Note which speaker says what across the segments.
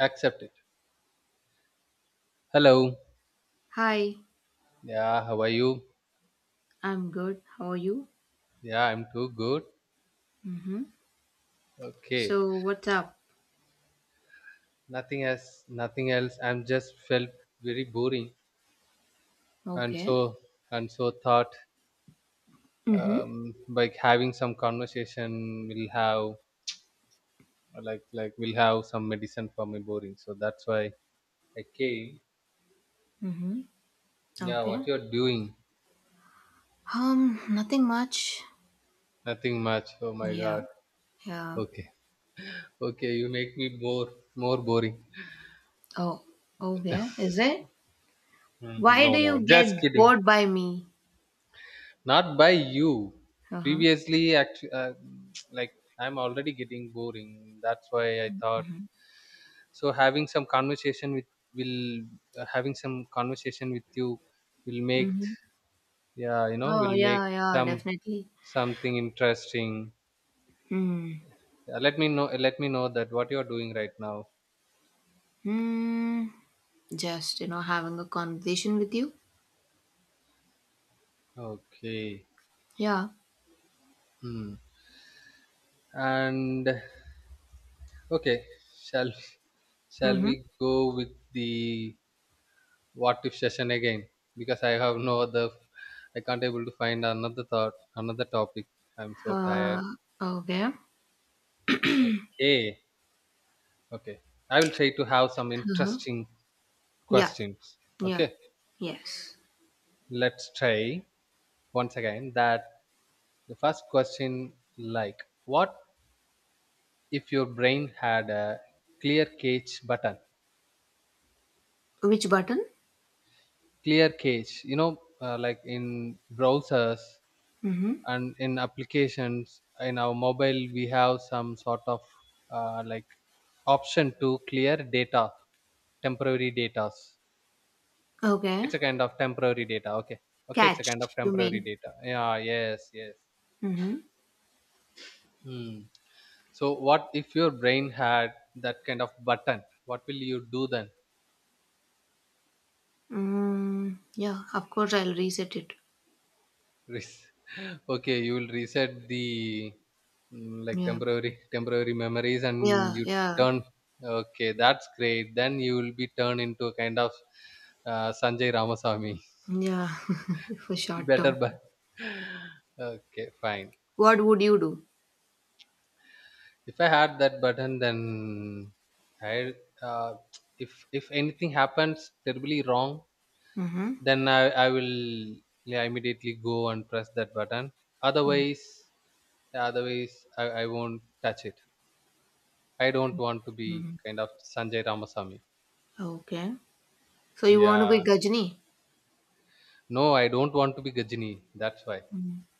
Speaker 1: Accept it. Hello.
Speaker 2: Hi,
Speaker 1: Yeah, how are you?
Speaker 2: I'm good. How are you?
Speaker 1: Yeah, I'm too good.
Speaker 2: Mm-hmm.
Speaker 1: Okay.
Speaker 2: So, what's up?
Speaker 1: Nothing else. Nothing else. I'm just felt very boring, and
Speaker 2: Okay.
Speaker 1: so thought
Speaker 2: Mm-hmm.
Speaker 1: like having some conversation will have like we will have some medicine for my boring. So that's why I came.
Speaker 2: Mm-hmm.
Speaker 1: Yeah,
Speaker 2: Okay.
Speaker 1: what you're doing?
Speaker 2: Nothing much.
Speaker 1: Nothing much. Oh my
Speaker 2: Yeah.
Speaker 1: God.
Speaker 2: Yeah.
Speaker 1: Okay. Okay, you make me more boring.
Speaker 2: Oh. Okay. Is it?
Speaker 1: Hmm.
Speaker 2: Why
Speaker 1: No,
Speaker 2: do
Speaker 1: no,
Speaker 2: you get
Speaker 1: just kidding.
Speaker 2: bored by me?
Speaker 1: Not by you.
Speaker 2: Uh-huh.
Speaker 1: Previously, actually, like I'm already getting boring. That's why I thought so. Having some conversation with will having some conversation with you will make
Speaker 2: Mm-hmm.
Speaker 1: yeah you know
Speaker 2: Oh,
Speaker 1: will make
Speaker 2: yeah, yeah,
Speaker 1: some
Speaker 2: definitely.
Speaker 1: something interesting.
Speaker 2: Hmm.
Speaker 1: Let me know. Let me know that what you are doing right now.
Speaker 2: Hmm. Just having a conversation with you.
Speaker 1: Okay.
Speaker 2: Yeah.
Speaker 1: Hmm. And okay, shall shall
Speaker 2: Mm-hmm.
Speaker 1: we go with the what if session again because I have no other I can't able to find another thought another topic. I'm so tired.
Speaker 2: Uh, okay.
Speaker 1: Okay. Okay. I will try to have some
Speaker 2: Uh-huh.
Speaker 1: interesting
Speaker 2: Yeah,
Speaker 1: questions.
Speaker 2: yeah,
Speaker 1: Okay.
Speaker 2: yes.
Speaker 1: Let's try once again that the first question like what if your brain had a clear cache button?
Speaker 2: Which button?
Speaker 1: Clear cache, you know, like in browsers
Speaker 2: Mhm.
Speaker 1: and in applications in our mobile we have some sort of like option to clear data temporary datas.
Speaker 2: Okay.
Speaker 1: It's a kind of temporary data. Okay, okay, it's a kind of
Speaker 2: Catch, you
Speaker 1: temporary
Speaker 2: mean?
Speaker 1: data, yeah, yes, yes.
Speaker 2: Mhm.
Speaker 1: Hmm. So what if your brain had that kind of button, what will you do then?
Speaker 2: Mm, yeah, of course I'll reset it.
Speaker 1: Res- okay, you will reset the mm, like
Speaker 2: Yeah.
Speaker 1: temporary memories and
Speaker 2: Yeah,
Speaker 1: you
Speaker 2: yeah.
Speaker 1: turn. Okay, that's great. Then you will be turned into a kind of Sanjay Ramaswamy.
Speaker 2: Yeah. For short
Speaker 1: Better
Speaker 2: term.
Speaker 1: but okay fine.
Speaker 2: What would you do?
Speaker 1: If I had that button then I uh, if if anything happens terribly wrong,
Speaker 2: Mhm.
Speaker 1: then I I will yeah, immediately go and press that button. Otherwise, I won't touch it. I don't want to be
Speaker 2: Mhm.
Speaker 1: kind of Sanjay Ramasamy.
Speaker 2: Okay. So you want to be
Speaker 1: Yeah.
Speaker 2: Gajni?
Speaker 1: No, I don't want to be Gajini. That's why.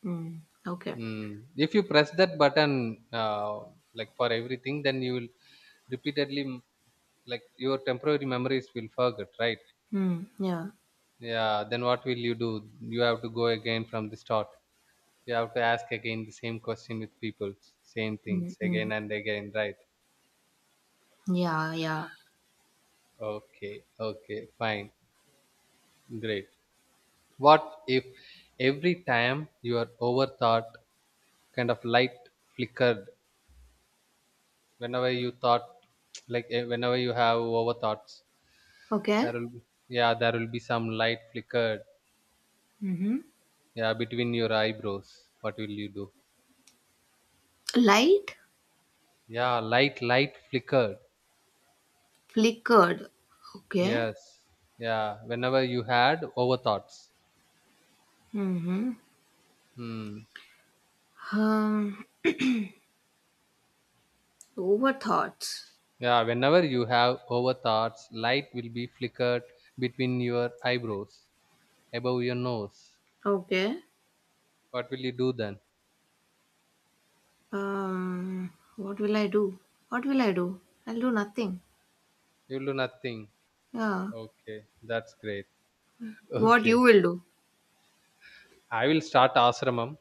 Speaker 2: Mm. Okay.
Speaker 1: Mm. If you press that button, like for everything, then you will repeatedly, like your temporary memories will forget, right?
Speaker 2: Mm. Yeah.
Speaker 1: Yeah. Then what will you do? You have to go again from the start. You have to ask again the same question with people, same
Speaker 2: Mm
Speaker 1: things
Speaker 2: hmm.
Speaker 1: again and again, right?
Speaker 2: Yeah, yeah.
Speaker 1: Okay. Okay. Fine. Great. What if every time you are overthought, kind of light flickered whenever you thought, like whenever you have overthoughts
Speaker 2: Okay.
Speaker 1: there will yeah there will be some light flickered,
Speaker 2: Mhm.
Speaker 1: yeah, between your eyebrows. What will you do?
Speaker 2: Light
Speaker 1: Yeah, light flickered.
Speaker 2: flickered. Okay.
Speaker 1: Yes, yeah, whenever you had overthoughts.
Speaker 2: Mhm.
Speaker 1: Hmm.
Speaker 2: Um, Over thoughts.
Speaker 1: Yeah, whenever you have overthoughts light will be flickered between your eyebrows, above your nose.
Speaker 2: Okay.
Speaker 1: What will you do then?
Speaker 2: What will I do? What will I do? I'll do nothing.
Speaker 1: You will do nothing.
Speaker 2: Yeah.
Speaker 1: Okay, that's great.
Speaker 2: What you
Speaker 1: Okay,
Speaker 2: will do?
Speaker 1: I will start ashramam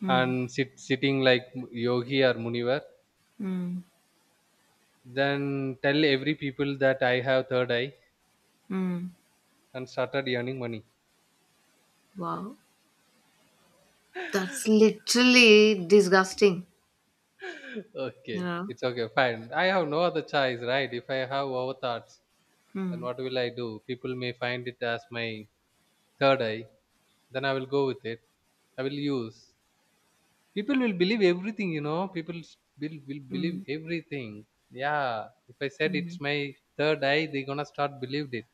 Speaker 2: Hmm.
Speaker 1: and sitting like yogi or munivar.
Speaker 2: Hmm.
Speaker 1: Then tell every people that I have third eye
Speaker 2: Hmm.
Speaker 1: and started earning money.
Speaker 2: Wow. That's literally disgusting.
Speaker 1: Okay,
Speaker 2: Yeah.
Speaker 1: it's okay, fine. I have no other choice, right? If I have over thoughts, then
Speaker 2: Hmm.
Speaker 1: what will I do? People may find it as my third eye. Then I will go with it. I will use. People will believe everything, you know. People will
Speaker 2: Hmm.
Speaker 1: believe everything. Yeah, if I said
Speaker 2: Hmm.
Speaker 1: it's my third eye, they're gonna start believed it.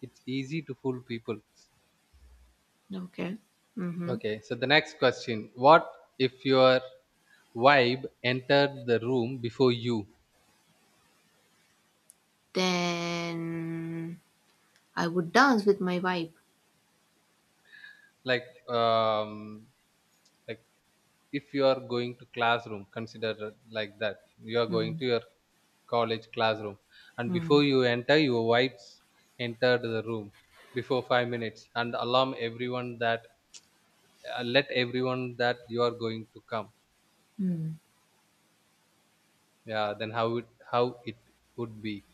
Speaker 1: It's easy to fool people.
Speaker 2: Okay. Mm-hmm.
Speaker 1: Okay, so the next question: what if your vibe entered the room before you?
Speaker 2: Then I would dance with my vibe.
Speaker 1: Like, like if you are going to classroom, consider it like that you are
Speaker 2: Hmm.
Speaker 1: going to your college classroom and
Speaker 2: Hmm.
Speaker 1: before you enter, your wives entered the room before 5 minutes and alarm everyone that let everyone that you are going to come.
Speaker 2: Hmm.
Speaker 1: Yeah, then how it would be?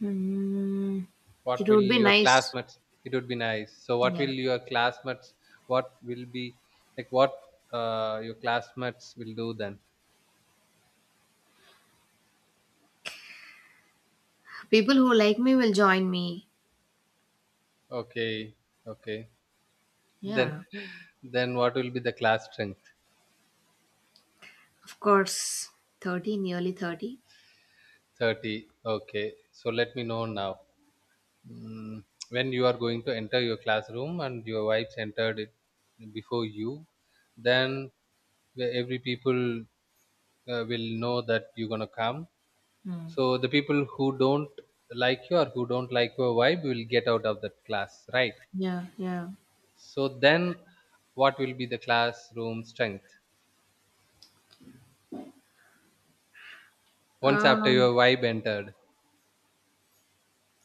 Speaker 2: Hmm.
Speaker 1: What
Speaker 2: It
Speaker 1: will
Speaker 2: would be
Speaker 1: your
Speaker 2: nice.
Speaker 1: classmates, it would be nice. So what
Speaker 2: Yeah.
Speaker 1: will your classmates, what will be like what your classmates will do then?
Speaker 2: People who like me will join me.
Speaker 1: Okay, okay. Then
Speaker 2: Yeah.
Speaker 1: what will be the class strength?
Speaker 2: Of course, 30, nearly 30.
Speaker 1: 30, okay, so let me know now, mm, when you are going to enter your classroom and your wives entered it before you, then every people will know that you're gonna come.
Speaker 2: Hmm.
Speaker 1: So the people who don't like you or who don't like your vibe will get out of that class, right?
Speaker 2: Yeah, yeah.
Speaker 1: So then what will be the classroom strength once after
Speaker 2: Um,
Speaker 1: your vibe entered?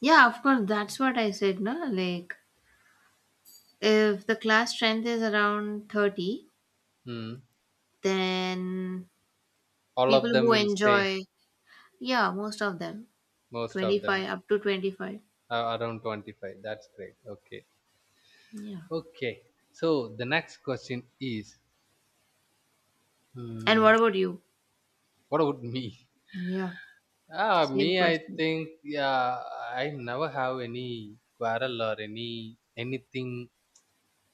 Speaker 2: yeah, of course, that's what I said, no? Like, if the class strength is around 30,
Speaker 1: Mm,
Speaker 2: then
Speaker 1: all
Speaker 2: people
Speaker 1: of them
Speaker 2: who
Speaker 1: will stay?
Speaker 2: enjoy, yeah, most of them,
Speaker 1: Most of them?
Speaker 2: 25, up to 25.
Speaker 1: Are around 25, that's great. Okay,
Speaker 2: Yeah.
Speaker 1: okay, so the next question is
Speaker 2: And
Speaker 1: hmm,
Speaker 2: what about you?
Speaker 1: what about me?
Speaker 2: Yeah,
Speaker 1: Ah,
Speaker 2: same
Speaker 1: me, I
Speaker 2: question.
Speaker 1: think yeah I never have any quarrel or any anything,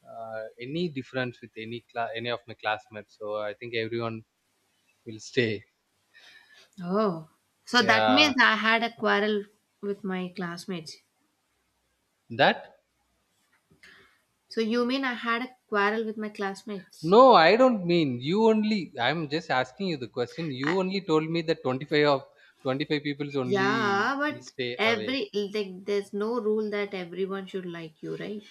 Speaker 1: uh, any difference with any of my classmates, so I think everyone will stay.
Speaker 2: Oh, so that
Speaker 1: Yeah,
Speaker 2: means I had a quarrel with my classmates.
Speaker 1: that,
Speaker 2: So you mean I had a quarrel with my classmates?
Speaker 1: no, I don't mean you only, I'm just asking you the question. You
Speaker 2: I,
Speaker 1: only told me that 25 people's only
Speaker 2: yeah,
Speaker 1: will
Speaker 2: but
Speaker 1: stay away.
Speaker 2: every like there's no rule that everyone should like you, right?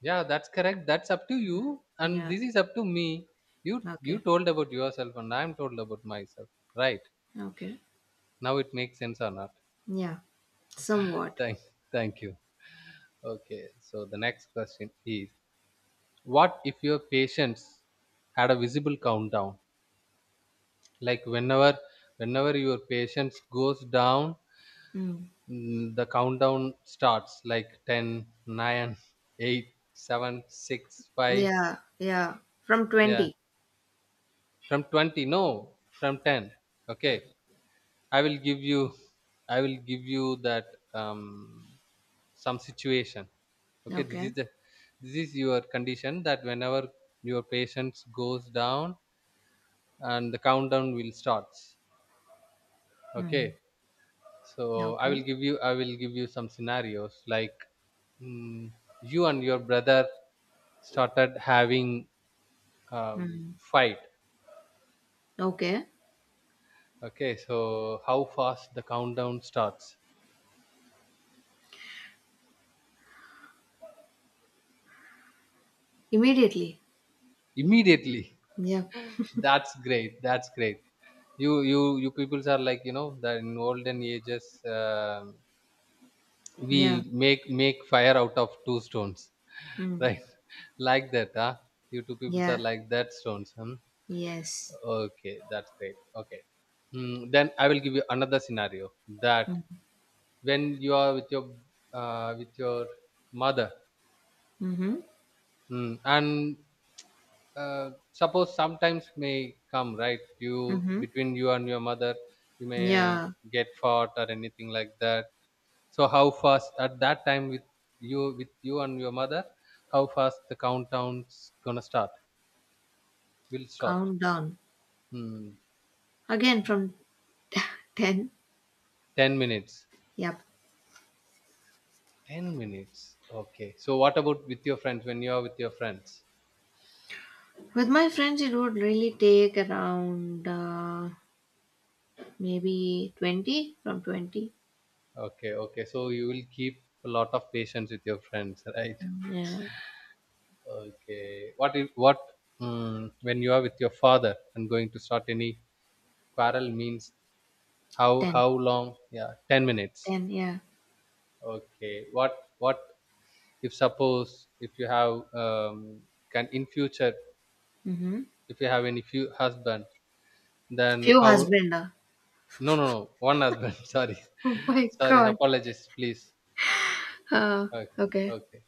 Speaker 1: Yeah, that's correct. That's up to
Speaker 2: Mm.
Speaker 1: you, and
Speaker 2: Yeah.
Speaker 1: this is up to me. You
Speaker 2: Okay.
Speaker 1: told about yourself, and I'm told about myself. Right
Speaker 2: Okay.
Speaker 1: now, it makes sense or not?
Speaker 2: Yeah. Somewhat.
Speaker 1: Thank Thank you. Okay, so the next question is: what if your patients had a visible countdown? Like whenever your patients goes down,
Speaker 2: Mm.
Speaker 1: mm, the countdown starts like 10, 9, 8, 7, 6, 5.
Speaker 2: Yeah. Yeah. From
Speaker 1: Yeah,
Speaker 2: 20.
Speaker 1: from 20. No, from 10. Okay, I will give you that um, some situation. Okay,
Speaker 2: Okay.
Speaker 1: this is your condition that whenever your patience goes down and the countdown will starts.
Speaker 2: Mm.
Speaker 1: Okay, so I will
Speaker 2: Okay.
Speaker 1: give you some scenarios like mm, you and your brother started having
Speaker 2: Mm.
Speaker 1: fight.
Speaker 2: Okay.
Speaker 1: Okay, so how fast the countdown starts?
Speaker 2: Immediately.
Speaker 1: Immediately.
Speaker 2: Yeah.
Speaker 1: That's great. You you peoples are like, you know that in olden ages um we
Speaker 2: Yeah.
Speaker 1: make fire out of two stones,
Speaker 2: Mm.
Speaker 1: right? Like that, huh? You two peoples are
Speaker 2: Yeah.
Speaker 1: like that stones, hmm?
Speaker 2: Yes.
Speaker 1: Okay, that's great. Okay. Hmm, then I will give you another scenario that
Speaker 2: Mm.
Speaker 1: when you are with your uh, with your mother,
Speaker 2: Mm-hmm.
Speaker 1: hmm, and uh, suppose sometimes may come right, you
Speaker 2: Mm-hmm.
Speaker 1: between you and your mother, you may
Speaker 2: Yeah.
Speaker 1: get fought or anything like that. So how fast at that time with you and your mother, how fast the countdown's gonna start? Will start.
Speaker 2: Countdown.
Speaker 1: Hmm.
Speaker 2: Again from 10.
Speaker 1: 10 minutes.
Speaker 2: Yep.
Speaker 1: 10 minutes. Okay. So what about with your friends when you are with your friends?
Speaker 2: With my friends, it would really take around maybe 20 from 20.
Speaker 1: Okay, okay. So you will keep a lot of patience with your friends, right?
Speaker 2: Yeah,
Speaker 1: Okay. What if what mm, when you are with your father and going to start any quarrel means
Speaker 2: ten,
Speaker 1: how long? Yeah, 10 minutes.
Speaker 2: ten, yeah.
Speaker 1: Okay. What if suppose if you have can in future,
Speaker 2: Mm-hmm.
Speaker 1: if you have any few husband, then
Speaker 2: Few
Speaker 1: how?
Speaker 2: husband.
Speaker 1: No, no, no, one husband, sorry,
Speaker 2: Oh my
Speaker 1: sorry,
Speaker 2: god.
Speaker 1: apologies please.
Speaker 2: Uh,
Speaker 1: Okay,
Speaker 2: okay.
Speaker 1: okay.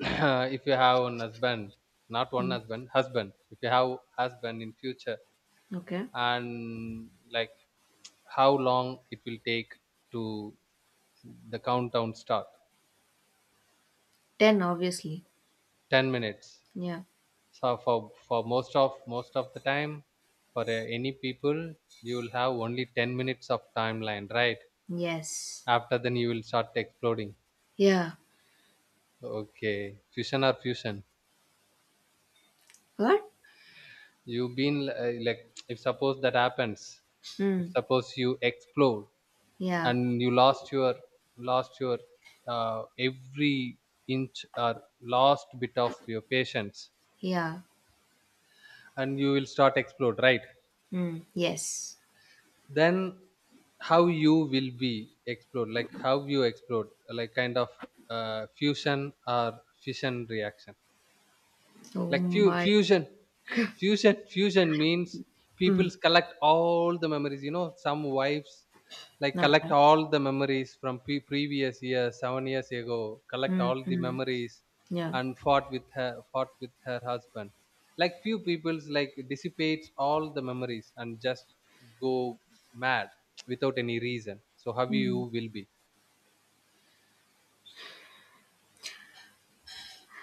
Speaker 1: If you have one husband, not one
Speaker 2: Mm,
Speaker 1: husband husband if you have husband in future,
Speaker 2: okay.
Speaker 1: and like how long it will take to the countdown start?
Speaker 2: 10, obviously.
Speaker 1: 10 minutes.
Speaker 2: Yeah.
Speaker 1: So for most of the time for any people you will have only 10 minutes of timeline, right?
Speaker 2: Yes.
Speaker 1: After then you will start exploding.
Speaker 2: Yeah.
Speaker 1: Okay, fusion,
Speaker 2: What?
Speaker 1: you've been like if suppose that happens, if
Speaker 2: Mm.
Speaker 1: suppose you explode
Speaker 2: Yeah.
Speaker 1: and you lost your every inch or last bit of your patience
Speaker 2: Yeah.
Speaker 1: and you will start explode, right?
Speaker 2: Mm. Yes.
Speaker 1: Then how you will be explored like how you explode, like kind of fusion or fission reaction,
Speaker 2: Oh
Speaker 1: like
Speaker 2: my.
Speaker 1: fusion. Fusion means people
Speaker 2: Mm.
Speaker 1: collect all the memories, you know, some wives like collect
Speaker 2: Okay.
Speaker 1: all the memories from previous year 7 years ago, collect all the
Speaker 2: Mm-hmm.
Speaker 1: memories
Speaker 2: Yeah.
Speaker 1: and fought with her husband. Like few people's like dissipates all the memories and just go mad without any reason. So how you will be?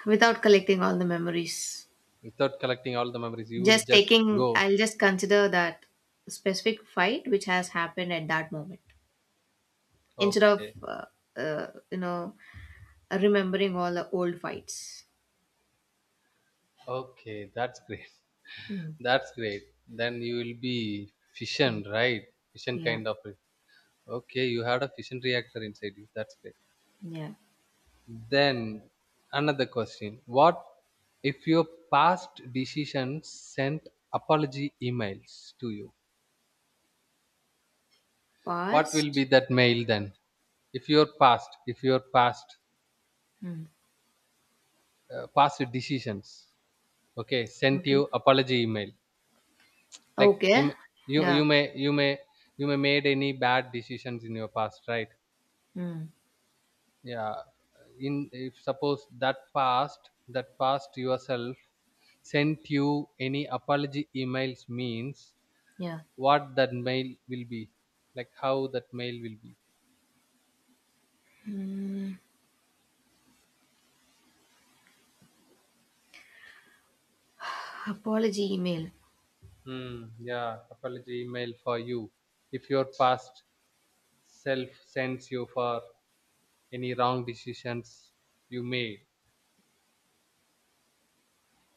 Speaker 2: Without collecting all the memories.
Speaker 1: Without collecting all the memories, you will
Speaker 2: Just
Speaker 1: just
Speaker 2: taking,
Speaker 1: go.
Speaker 2: I'll just consider that specific fight which has happened at that moment instead of,
Speaker 1: Okay,
Speaker 2: you know, remembering all the old fights.
Speaker 1: okay, that's great.
Speaker 2: Hmm.
Speaker 1: That's great. Then you will be fission,
Speaker 2: Hmm.
Speaker 1: right? Fission
Speaker 2: Yeah.
Speaker 1: kind of. Okay, you had a fission reactor inside you. That's great.
Speaker 2: Yeah.
Speaker 1: Then another question. What if your past decisions sent apology emails to you? What will
Speaker 2: Past.
Speaker 1: be that mail then? If your past,
Speaker 2: Hmm.
Speaker 1: past decisions, okay, sent
Speaker 2: Okay.
Speaker 1: you apology email. Like
Speaker 2: Okay.
Speaker 1: you, you,
Speaker 2: Yeah.
Speaker 1: you may, you may, you may made any bad decisions in your past, right?
Speaker 2: Hmm.
Speaker 1: Yeah, in if suppose that past, yourself sent you any apology emails means
Speaker 2: Yeah.
Speaker 1: what that mail will be, like how that mail will be.
Speaker 2: Apology email.
Speaker 1: Hmm, yeah, apology email for you, if your past self sends you for any wrong decisions you made.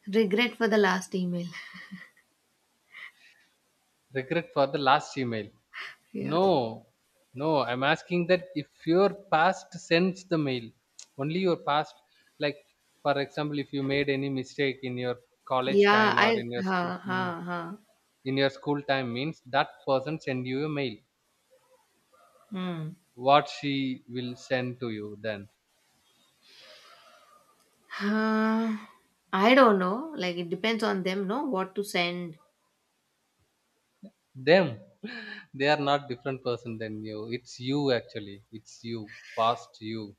Speaker 2: Regret for the last email.
Speaker 1: Regret for the last email.
Speaker 2: Yeah.
Speaker 1: No, no, I'm asking that if your past sends the mail, only your past, like for example, if you made any mistake in your college
Speaker 2: Yeah.
Speaker 1: time or
Speaker 2: I.
Speaker 1: in your school,
Speaker 2: Ha.
Speaker 1: mm,
Speaker 2: Ha. Ha.
Speaker 1: in your school time means that person send you a mail.
Speaker 2: Hmm.
Speaker 1: What she will send to you then?
Speaker 2: Uh, I don't know. Like it depends on them, no, what to send.
Speaker 1: Them, they are not different person than you. It's you actually. It's you, past you.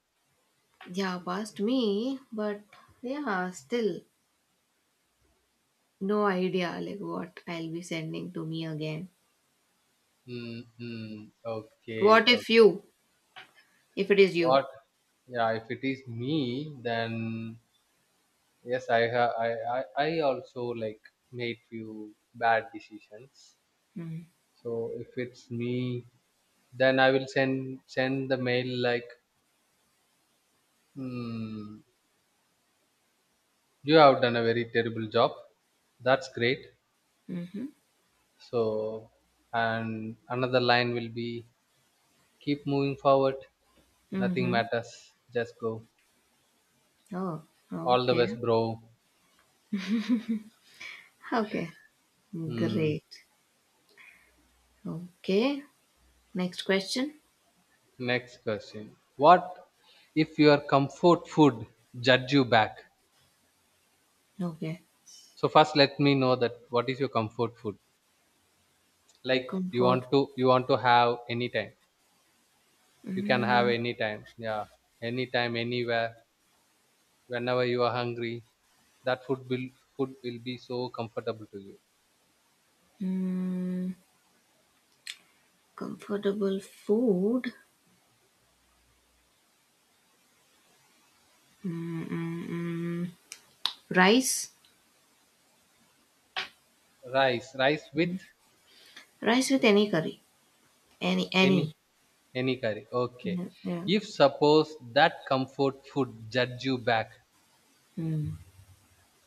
Speaker 2: Yeah, past me, but yeah, still no idea like what I'll be sending to me again.
Speaker 1: Mm-hmm. Okay,
Speaker 2: What if
Speaker 1: okay.
Speaker 2: you, if it is
Speaker 1: What?
Speaker 2: you?
Speaker 1: Yeah, if it is me, then yes I have I also like made few bad decisions.
Speaker 2: Mm-hmm.
Speaker 1: So if it's me, then I will send the mail like, hmm, you have done a very terrible job. That's great.
Speaker 2: Mm-hmm.
Speaker 1: So and another line will be, keep moving forward, nothing
Speaker 2: Mm-hmm.
Speaker 1: matters, just go,
Speaker 2: Oh,
Speaker 1: all the
Speaker 2: okay.
Speaker 1: best, bro.
Speaker 2: Okay.
Speaker 1: Hmm.
Speaker 2: Great. Okay. Next question.
Speaker 1: Next question. What if your comfort food judge you back?
Speaker 2: Okay.
Speaker 1: So first, let me know that what is your comfort food? Like, you
Speaker 2: Comfort.
Speaker 1: want to you want to have anytime. You can have
Speaker 2: Mm
Speaker 1: anytime. Yeah, anytime, anywhere, whenever you are hungry. That food will be so comfortable to you.
Speaker 2: mm. Comfortable food. Mm-mm-mm. Rice.
Speaker 1: Rice, rice with
Speaker 2: Rice with any curry. Any,
Speaker 1: any
Speaker 2: any.
Speaker 1: any curry. Okay.
Speaker 2: Yeah, yeah.
Speaker 1: If suppose that comfort food judge you back.
Speaker 2: Mm.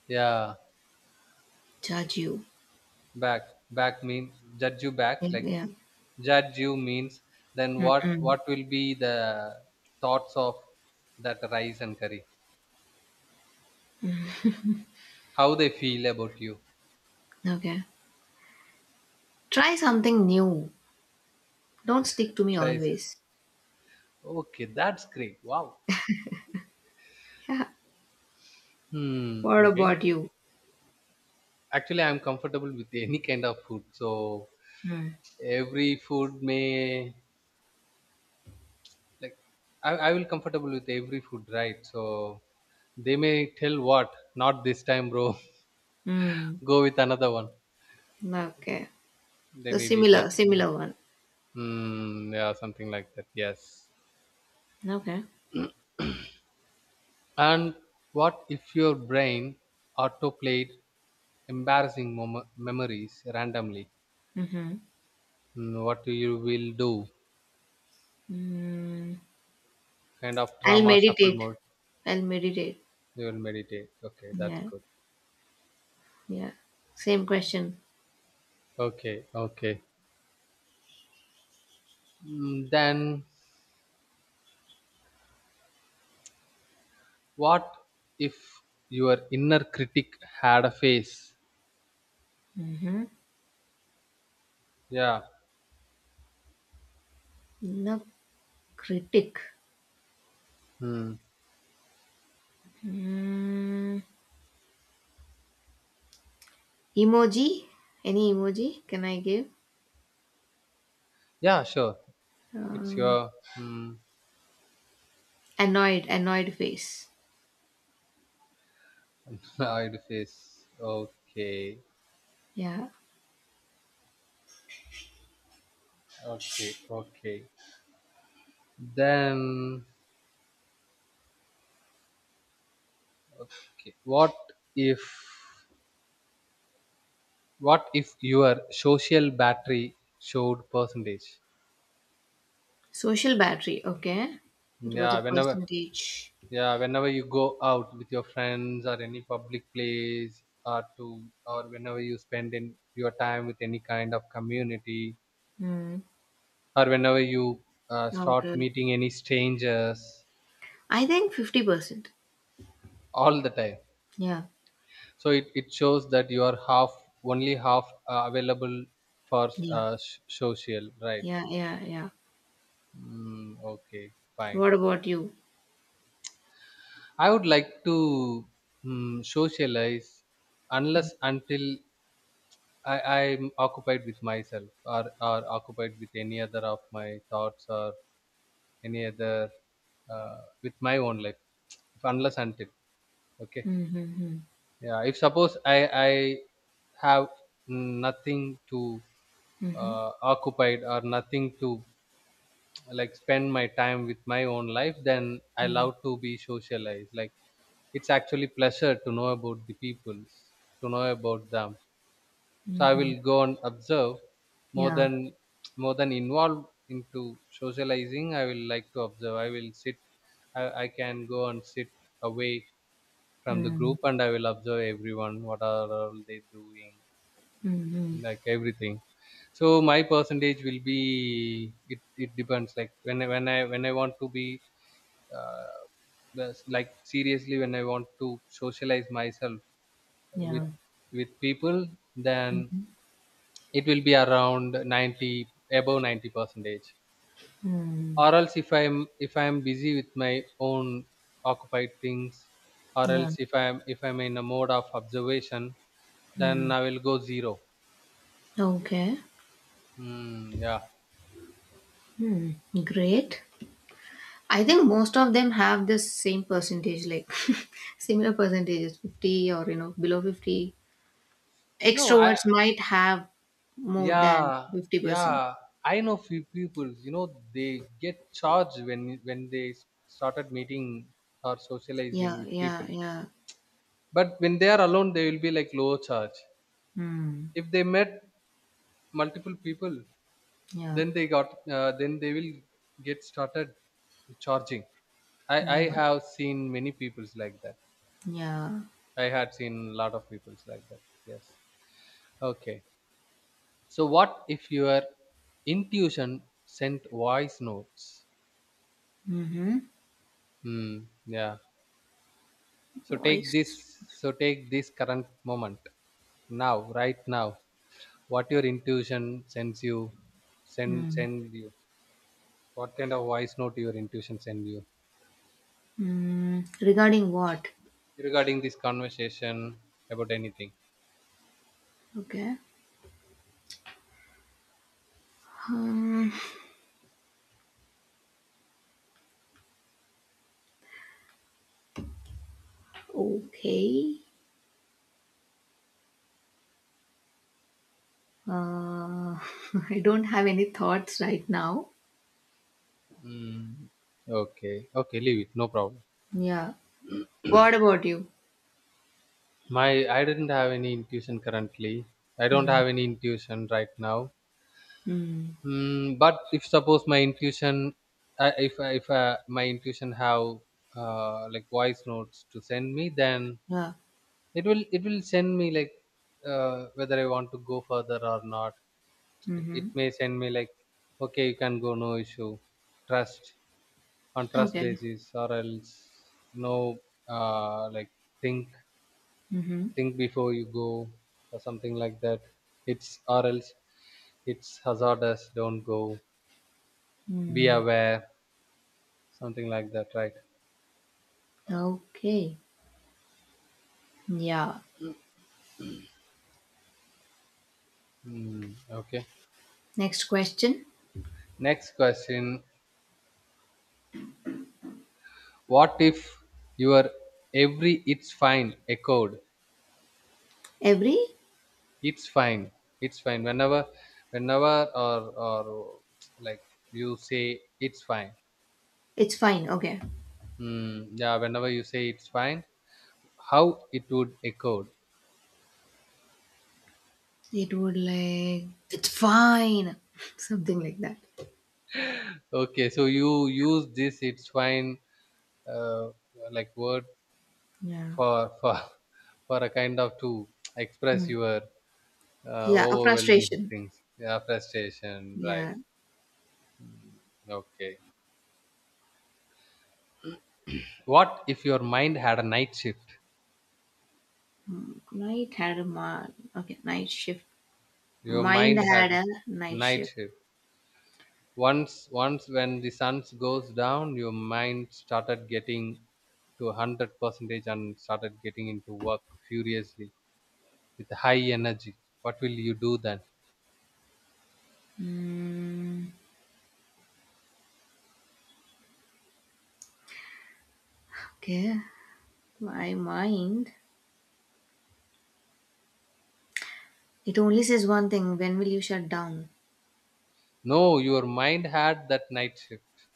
Speaker 1: Yeah,
Speaker 2: Judge you.
Speaker 1: back back mean judge you back, like
Speaker 2: Yeah.
Speaker 1: judge you means, then what
Speaker 2: Mm-mm.
Speaker 1: what will be the thoughts of that rice and curry, how they feel about you?
Speaker 2: Okay. Try something new. Don't stick to me
Speaker 1: Rice.
Speaker 2: always.
Speaker 1: Okay, that's great. Wow.
Speaker 2: Yeah.
Speaker 1: Hmm.
Speaker 2: What
Speaker 1: Okay.
Speaker 2: about you?
Speaker 1: Actually, I'm comfortable with any kind of food, so
Speaker 2: Mm.
Speaker 1: every food may, like, I will comfortable with every food, right, so they may tell, what, not this time, bro.
Speaker 2: Mm.
Speaker 1: Go with another one.
Speaker 2: Okay.
Speaker 1: They
Speaker 2: So
Speaker 1: may be
Speaker 2: similar,
Speaker 1: judged, yeah.
Speaker 2: similar one.
Speaker 1: Hmm, yeah, something like that, yes.
Speaker 2: Okay.
Speaker 1: And what if your brain autoplayed embarrassing memories randomly?
Speaker 2: Mm-hmm.
Speaker 1: Mm, what you will do?
Speaker 2: Mm.
Speaker 1: Kind of
Speaker 2: I'll
Speaker 1: trauma shuffle
Speaker 2: meditate.
Speaker 1: mode.
Speaker 2: I'll meditate.
Speaker 1: You will meditate. Okay, that's
Speaker 2: Yeah.
Speaker 1: good.
Speaker 2: Yeah. Same question.
Speaker 1: Okay, okay. Then what if your inner critic had a face?
Speaker 2: Mm-hmm.
Speaker 1: Yeah.
Speaker 2: No critic.
Speaker 1: Hmm.
Speaker 2: Mm. Emoji? Any emoji can I give?
Speaker 1: Yeah, sure. It's
Speaker 2: Um,
Speaker 1: your
Speaker 2: annoyed, annoyed face.
Speaker 1: hide face. Okay,
Speaker 2: Yeah.
Speaker 1: okay, okay. Then okay. If what if your social battery showed percentage?
Speaker 2: Social battery, okay. It was a
Speaker 1: Yeah, whenever
Speaker 2: percentage.
Speaker 1: yeah, whenever you go out with your friends or any public place, or to, or whenever you spend in your time with any kind of community,
Speaker 2: Mm.
Speaker 1: or whenever you start
Speaker 2: Okay.
Speaker 1: meeting any strangers
Speaker 2: I think 50%.
Speaker 1: all the time.
Speaker 2: Yeah.
Speaker 1: So it shows that you are half, only half available for
Speaker 2: Yeah.
Speaker 1: social, right?
Speaker 2: Yeah, yeah, yeah.
Speaker 1: Mm, okay, fine.
Speaker 2: What about you?
Speaker 1: I would like to socialize
Speaker 2: Mm.
Speaker 1: unless until I, I'm occupied with myself, or occupied with any other of my thoughts, or any other, uh, with my own life. If unless until, okay,
Speaker 2: Mm-hmm.
Speaker 1: yeah. If suppose I have nothing to
Speaker 2: Mm-hmm.
Speaker 1: occupied or nothing to, like, spend my time with my own life, then I
Speaker 2: Mm. Hmm mm
Speaker 1: love to be socialized, like it's actually pleasure to know about the peoples, to know about them,
Speaker 2: hmm
Speaker 1: so
Speaker 2: mm
Speaker 1: I
Speaker 2: hmm.
Speaker 1: will go and observe, more
Speaker 2: Yeah.
Speaker 1: than more than involve into socializing. I will like to observe. I will sit, I can go and sit away from the
Speaker 2: Mm.
Speaker 1: group, and I will observe everyone, what are all they doing,
Speaker 2: Mm-hmm.
Speaker 1: like everything. So my percentage will be, it depends, like when I- when I when I want to be, uh, that's like, seriously, when I want to socialize myself with
Speaker 2: Yeah.
Speaker 1: with people, then it will be around 90, above 90 percentage,
Speaker 2: Mm.
Speaker 1: or else if I'm busy with my own occupied things, or
Speaker 2: Yeah.
Speaker 1: else if I'm in a mode of observation, then
Speaker 2: Mm.
Speaker 1: I will go zero.
Speaker 2: Okay.
Speaker 1: Hmm. Yeah.
Speaker 2: Hmm. Great. I think most of them have this same percentage, like similar percentages, 50 or, you know, below 50.
Speaker 1: no I
Speaker 2: Extroverts might have more than
Speaker 1: Yeah,
Speaker 2: 50%.
Speaker 1: yeah. I know few people, they get charged when started meeting or
Speaker 2: Yeah,
Speaker 1: socializing with
Speaker 2: yeah,
Speaker 1: people.
Speaker 2: yeah.
Speaker 1: But when they are alone, they will be like low charge.
Speaker 2: Hmm.
Speaker 1: If they met multiple people,
Speaker 2: Yeah,
Speaker 1: then they got then they will get started charging. I
Speaker 2: yeah,
Speaker 1: have seen many peoples like that.
Speaker 2: yeah.
Speaker 1: I had seen a lot of peoples like that. Yes. Okay. So what if your intuition sent voice notes?
Speaker 2: Mm-hmm.
Speaker 1: Hmm. Yeah. So take this.
Speaker 2: Voice.
Speaker 1: So take this current moment now, right now. What your intuition sends you, send
Speaker 2: Mm.
Speaker 1: send you. What kind of voice note your intuition send you,
Speaker 2: Mm. Regarding what?
Speaker 1: regarding this conversation, about anything?
Speaker 2: Okay. Um, okay. Uh, I don't have any thoughts right now.
Speaker 1: Mm, okay, okay, leave it. No problem.
Speaker 2: Yeah. What about you?
Speaker 1: My I didn't have any intuition currently. I don't
Speaker 2: Mm.
Speaker 1: have any intuition right now.
Speaker 2: Mm.
Speaker 1: Mm, but if suppose my intuition, if my intuition have like voice notes to send me, then
Speaker 2: Yeah.
Speaker 1: it will send me like, whether I want to go further or not. It
Speaker 2: Mm-hmm.
Speaker 1: may send me like, okay, you can go, no issue, trust on trust
Speaker 2: Okay.
Speaker 1: basis, or else no, like, think
Speaker 2: Mm-hmm.
Speaker 1: think before you go, or something like that. It's Or else it's hazardous. Don't go. Be
Speaker 2: Mm.
Speaker 1: aware. Something like that, right?
Speaker 2: Okay. Yeah.
Speaker 1: Hmm. Okay.
Speaker 2: Next question.
Speaker 1: Next question. What if your every it's fine echoed?
Speaker 2: Every?
Speaker 1: It's fine. It's fine. Whenever or like, you say it's fine.
Speaker 2: It's fine. Okay.
Speaker 1: Hmm. Yeah. Whenever you say it's fine, how it would echoed?
Speaker 2: It would like, it's fine. Something like that.
Speaker 1: Okay. So you use this it's fine uh, like word
Speaker 2: Yeah.
Speaker 1: for for a kind of to express
Speaker 2: Hmm.
Speaker 1: your
Speaker 2: Yeah. A
Speaker 1: overwhelming
Speaker 2: frustration.
Speaker 1: things, yeah, frustration, right?
Speaker 2: Yeah.
Speaker 1: Okay, what if your mind had a night shift?
Speaker 2: Hmm. Night had a ma- okay, night shift.
Speaker 1: Your
Speaker 2: Mind
Speaker 1: mind
Speaker 2: had a
Speaker 1: had
Speaker 2: night
Speaker 1: night
Speaker 2: shift.
Speaker 1: shift. Once when the sun goes down, your mind started getting to 100 percentage and started getting into work furiously with high energy, what will you do then?
Speaker 2: Hmm. Okay. My mind. It only says one thing. When will you shut down?
Speaker 1: No, your mind had that night shift.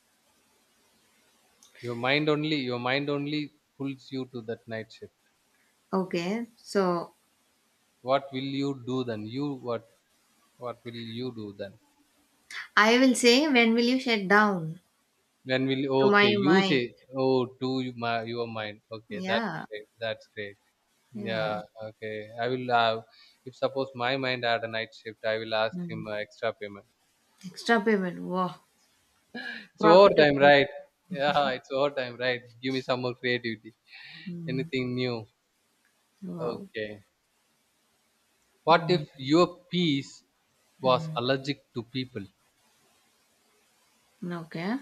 Speaker 1: Your mind only pulls you to that night shift.
Speaker 2: Okay. So
Speaker 1: What will you do then? You what will you do then?
Speaker 2: I will say, when will you shut down
Speaker 1: When will,
Speaker 2: to
Speaker 1: okay,
Speaker 2: my
Speaker 1: you
Speaker 2: mind?
Speaker 1: say, oh, to my your mind. Okay, that's
Speaker 2: Yeah.
Speaker 1: great. That's great.
Speaker 2: Yeah.
Speaker 1: Yeah, okay. I will have If suppose my mind had a night shift, I will ask
Speaker 2: Hmm.
Speaker 1: him extra payment.
Speaker 2: Extra payment. Wow.
Speaker 1: It's overtime,
Speaker 2: Profitable.
Speaker 1: right? Yeah, it's overtime, right? Give me some more creativity.
Speaker 2: Hmm.
Speaker 1: Anything new?
Speaker 2: Wow.
Speaker 1: Okay. What
Speaker 2: Hmm.
Speaker 1: if your piece was
Speaker 2: Hmm.
Speaker 1: allergic to people?
Speaker 2: Okay.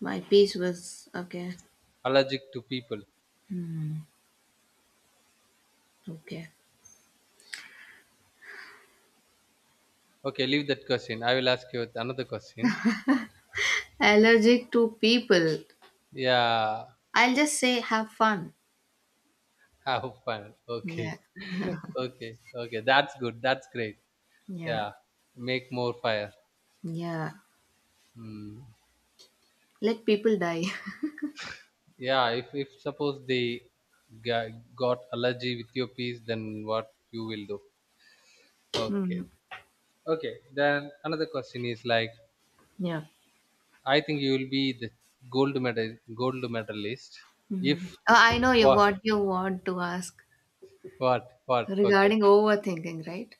Speaker 2: My piece was okay.
Speaker 1: Allergic to people.
Speaker 2: Hmm. Okay.
Speaker 1: Okay, leave that question. I will ask you another question.
Speaker 2: Allergic to people.
Speaker 1: Yeah,
Speaker 2: I'll just say have fun.
Speaker 1: have fun.
Speaker 2: Yeah.
Speaker 1: Okay. Okay. Okay. That's good. That's great.
Speaker 2: Yeah.
Speaker 1: Yeah. Make more fire.
Speaker 2: Yeah.
Speaker 1: Hmm.
Speaker 2: Let people die.
Speaker 1: Yeah. If suppose they got allergy with your piece, then what you will do? Okay.
Speaker 2: Hmm.
Speaker 1: Okay. Then another question is, like,
Speaker 2: Yeah.
Speaker 1: I think you will be the gold medalist, if,
Speaker 2: Mhm. Oh, I know you
Speaker 1: what
Speaker 2: what you want to ask
Speaker 1: what okay,
Speaker 2: regarding overthinking, right?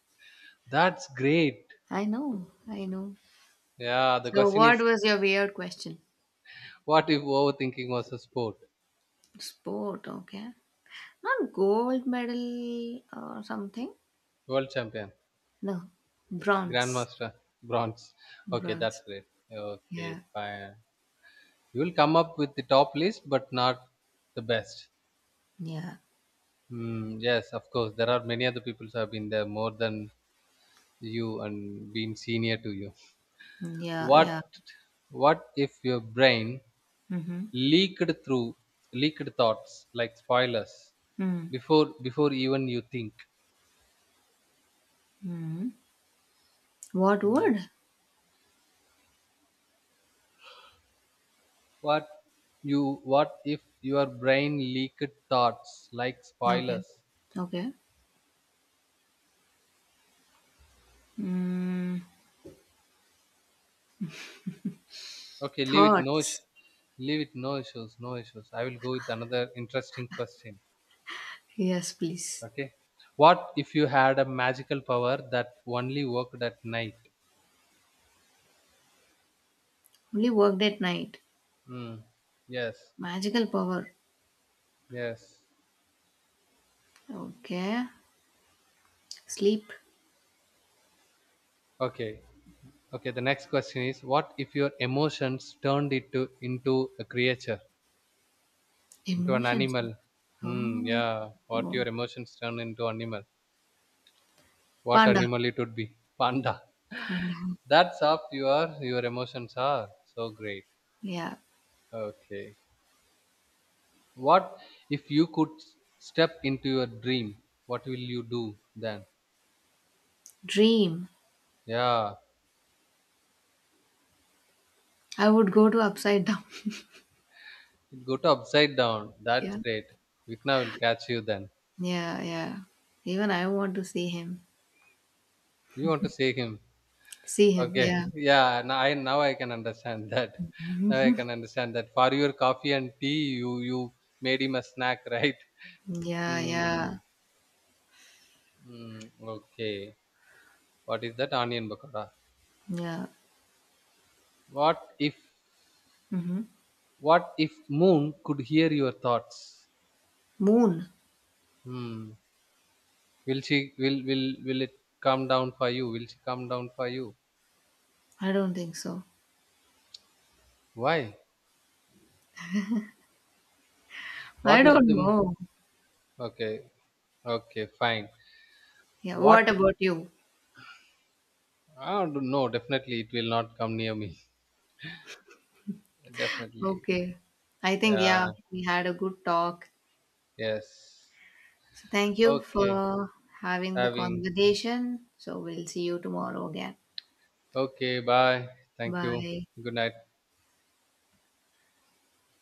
Speaker 1: that's great,
Speaker 2: I know, I know.
Speaker 1: yeah, the
Speaker 2: So,
Speaker 1: question
Speaker 2: what
Speaker 1: is,
Speaker 2: was your weird question?
Speaker 1: what if overthinking was a sport?
Speaker 2: Sport, okay. Not gold medal or something.
Speaker 1: World champion.
Speaker 2: No, bronze.
Speaker 1: Grandmaster bronze. Okay, that's
Speaker 2: Bronze.
Speaker 1: great. Okay,
Speaker 2: Yeah.
Speaker 1: fine. You will come up with the top list, but not the best.
Speaker 2: Yeah.
Speaker 1: Hmm. Yes, of course. There are many other people who have been there more than you and been senior to you.
Speaker 2: Yeah.
Speaker 1: What
Speaker 2: Yeah.
Speaker 1: what if your brain
Speaker 2: Mm-hmm.
Speaker 1: leaked through leaked thoughts like spoilers
Speaker 2: Mm-hmm.
Speaker 1: before even you think?
Speaker 2: Mm-hmm. What
Speaker 1: Hmm.
Speaker 2: word?
Speaker 1: What what if your brain leaked thoughts like
Speaker 2: Okay.
Speaker 1: spoilers?
Speaker 2: Okay. Mm,
Speaker 1: Okay,
Speaker 2: thoughts.
Speaker 1: leave it, no issues, no issues. I will go with another interesting question.
Speaker 2: Yes, please.
Speaker 1: Okay. What if you had a magical power that only worked at night?
Speaker 2: Only worked at night.
Speaker 1: Mm. Yes.
Speaker 2: Magical power.
Speaker 1: Yes.
Speaker 2: Okay. Sleep.
Speaker 1: Okay. Okay, the next question is, what if your emotions turned it to into a creature, into an
Speaker 2: Emotions.
Speaker 1: animal? Mm,
Speaker 2: Oh.
Speaker 1: yeah. What your emotions turn into animal? What
Speaker 2: Panda.
Speaker 1: animal it would be? Panda.
Speaker 2: Panda.
Speaker 1: That's up your emotions are. So great.
Speaker 2: Yeah.
Speaker 1: Okay. What if you could step into your dream? What will you do then?
Speaker 2: Dream.
Speaker 1: Yeah,
Speaker 2: I would go to upside down.
Speaker 1: it go to upside down.
Speaker 2: Yeah.
Speaker 1: That's great. Vikna will catch you then.
Speaker 2: Yeah, yeah. Even I want to see him.
Speaker 1: You want to see him?
Speaker 2: See him.
Speaker 1: Okay.
Speaker 2: Yeah.
Speaker 1: Yeah. Now I can understand that. Now I can understand that. For your coffee and tea, you made him a snack, right?
Speaker 2: Yeah, yeah.
Speaker 1: Mm, okay. What is that onion bakora?
Speaker 2: Yeah.
Speaker 1: What if
Speaker 2: Mm-hmm.
Speaker 1: what if moon could hear your thoughts?
Speaker 2: Moon.
Speaker 1: Hmm. Will she will it come down for you? Will she come down for you?
Speaker 2: I don't think so.
Speaker 1: Why?
Speaker 2: I
Speaker 1: What if
Speaker 2: don't
Speaker 1: the m-
Speaker 2: know.
Speaker 1: Okay, okay, fine.
Speaker 2: Yeah.
Speaker 1: What?
Speaker 2: What about you?
Speaker 1: I don't know. No, definitely, it will not come near me. Definitely.
Speaker 2: Okay. I think, yeah,
Speaker 1: Yeah.
Speaker 2: we had a good talk.
Speaker 1: Yes.
Speaker 2: So thank you
Speaker 1: Okay.
Speaker 2: for having the
Speaker 1: Having.
Speaker 2: conversation. So we'll see you tomorrow again.
Speaker 1: Okay. Bye. Thank you.
Speaker 2: Bye.
Speaker 1: Good night.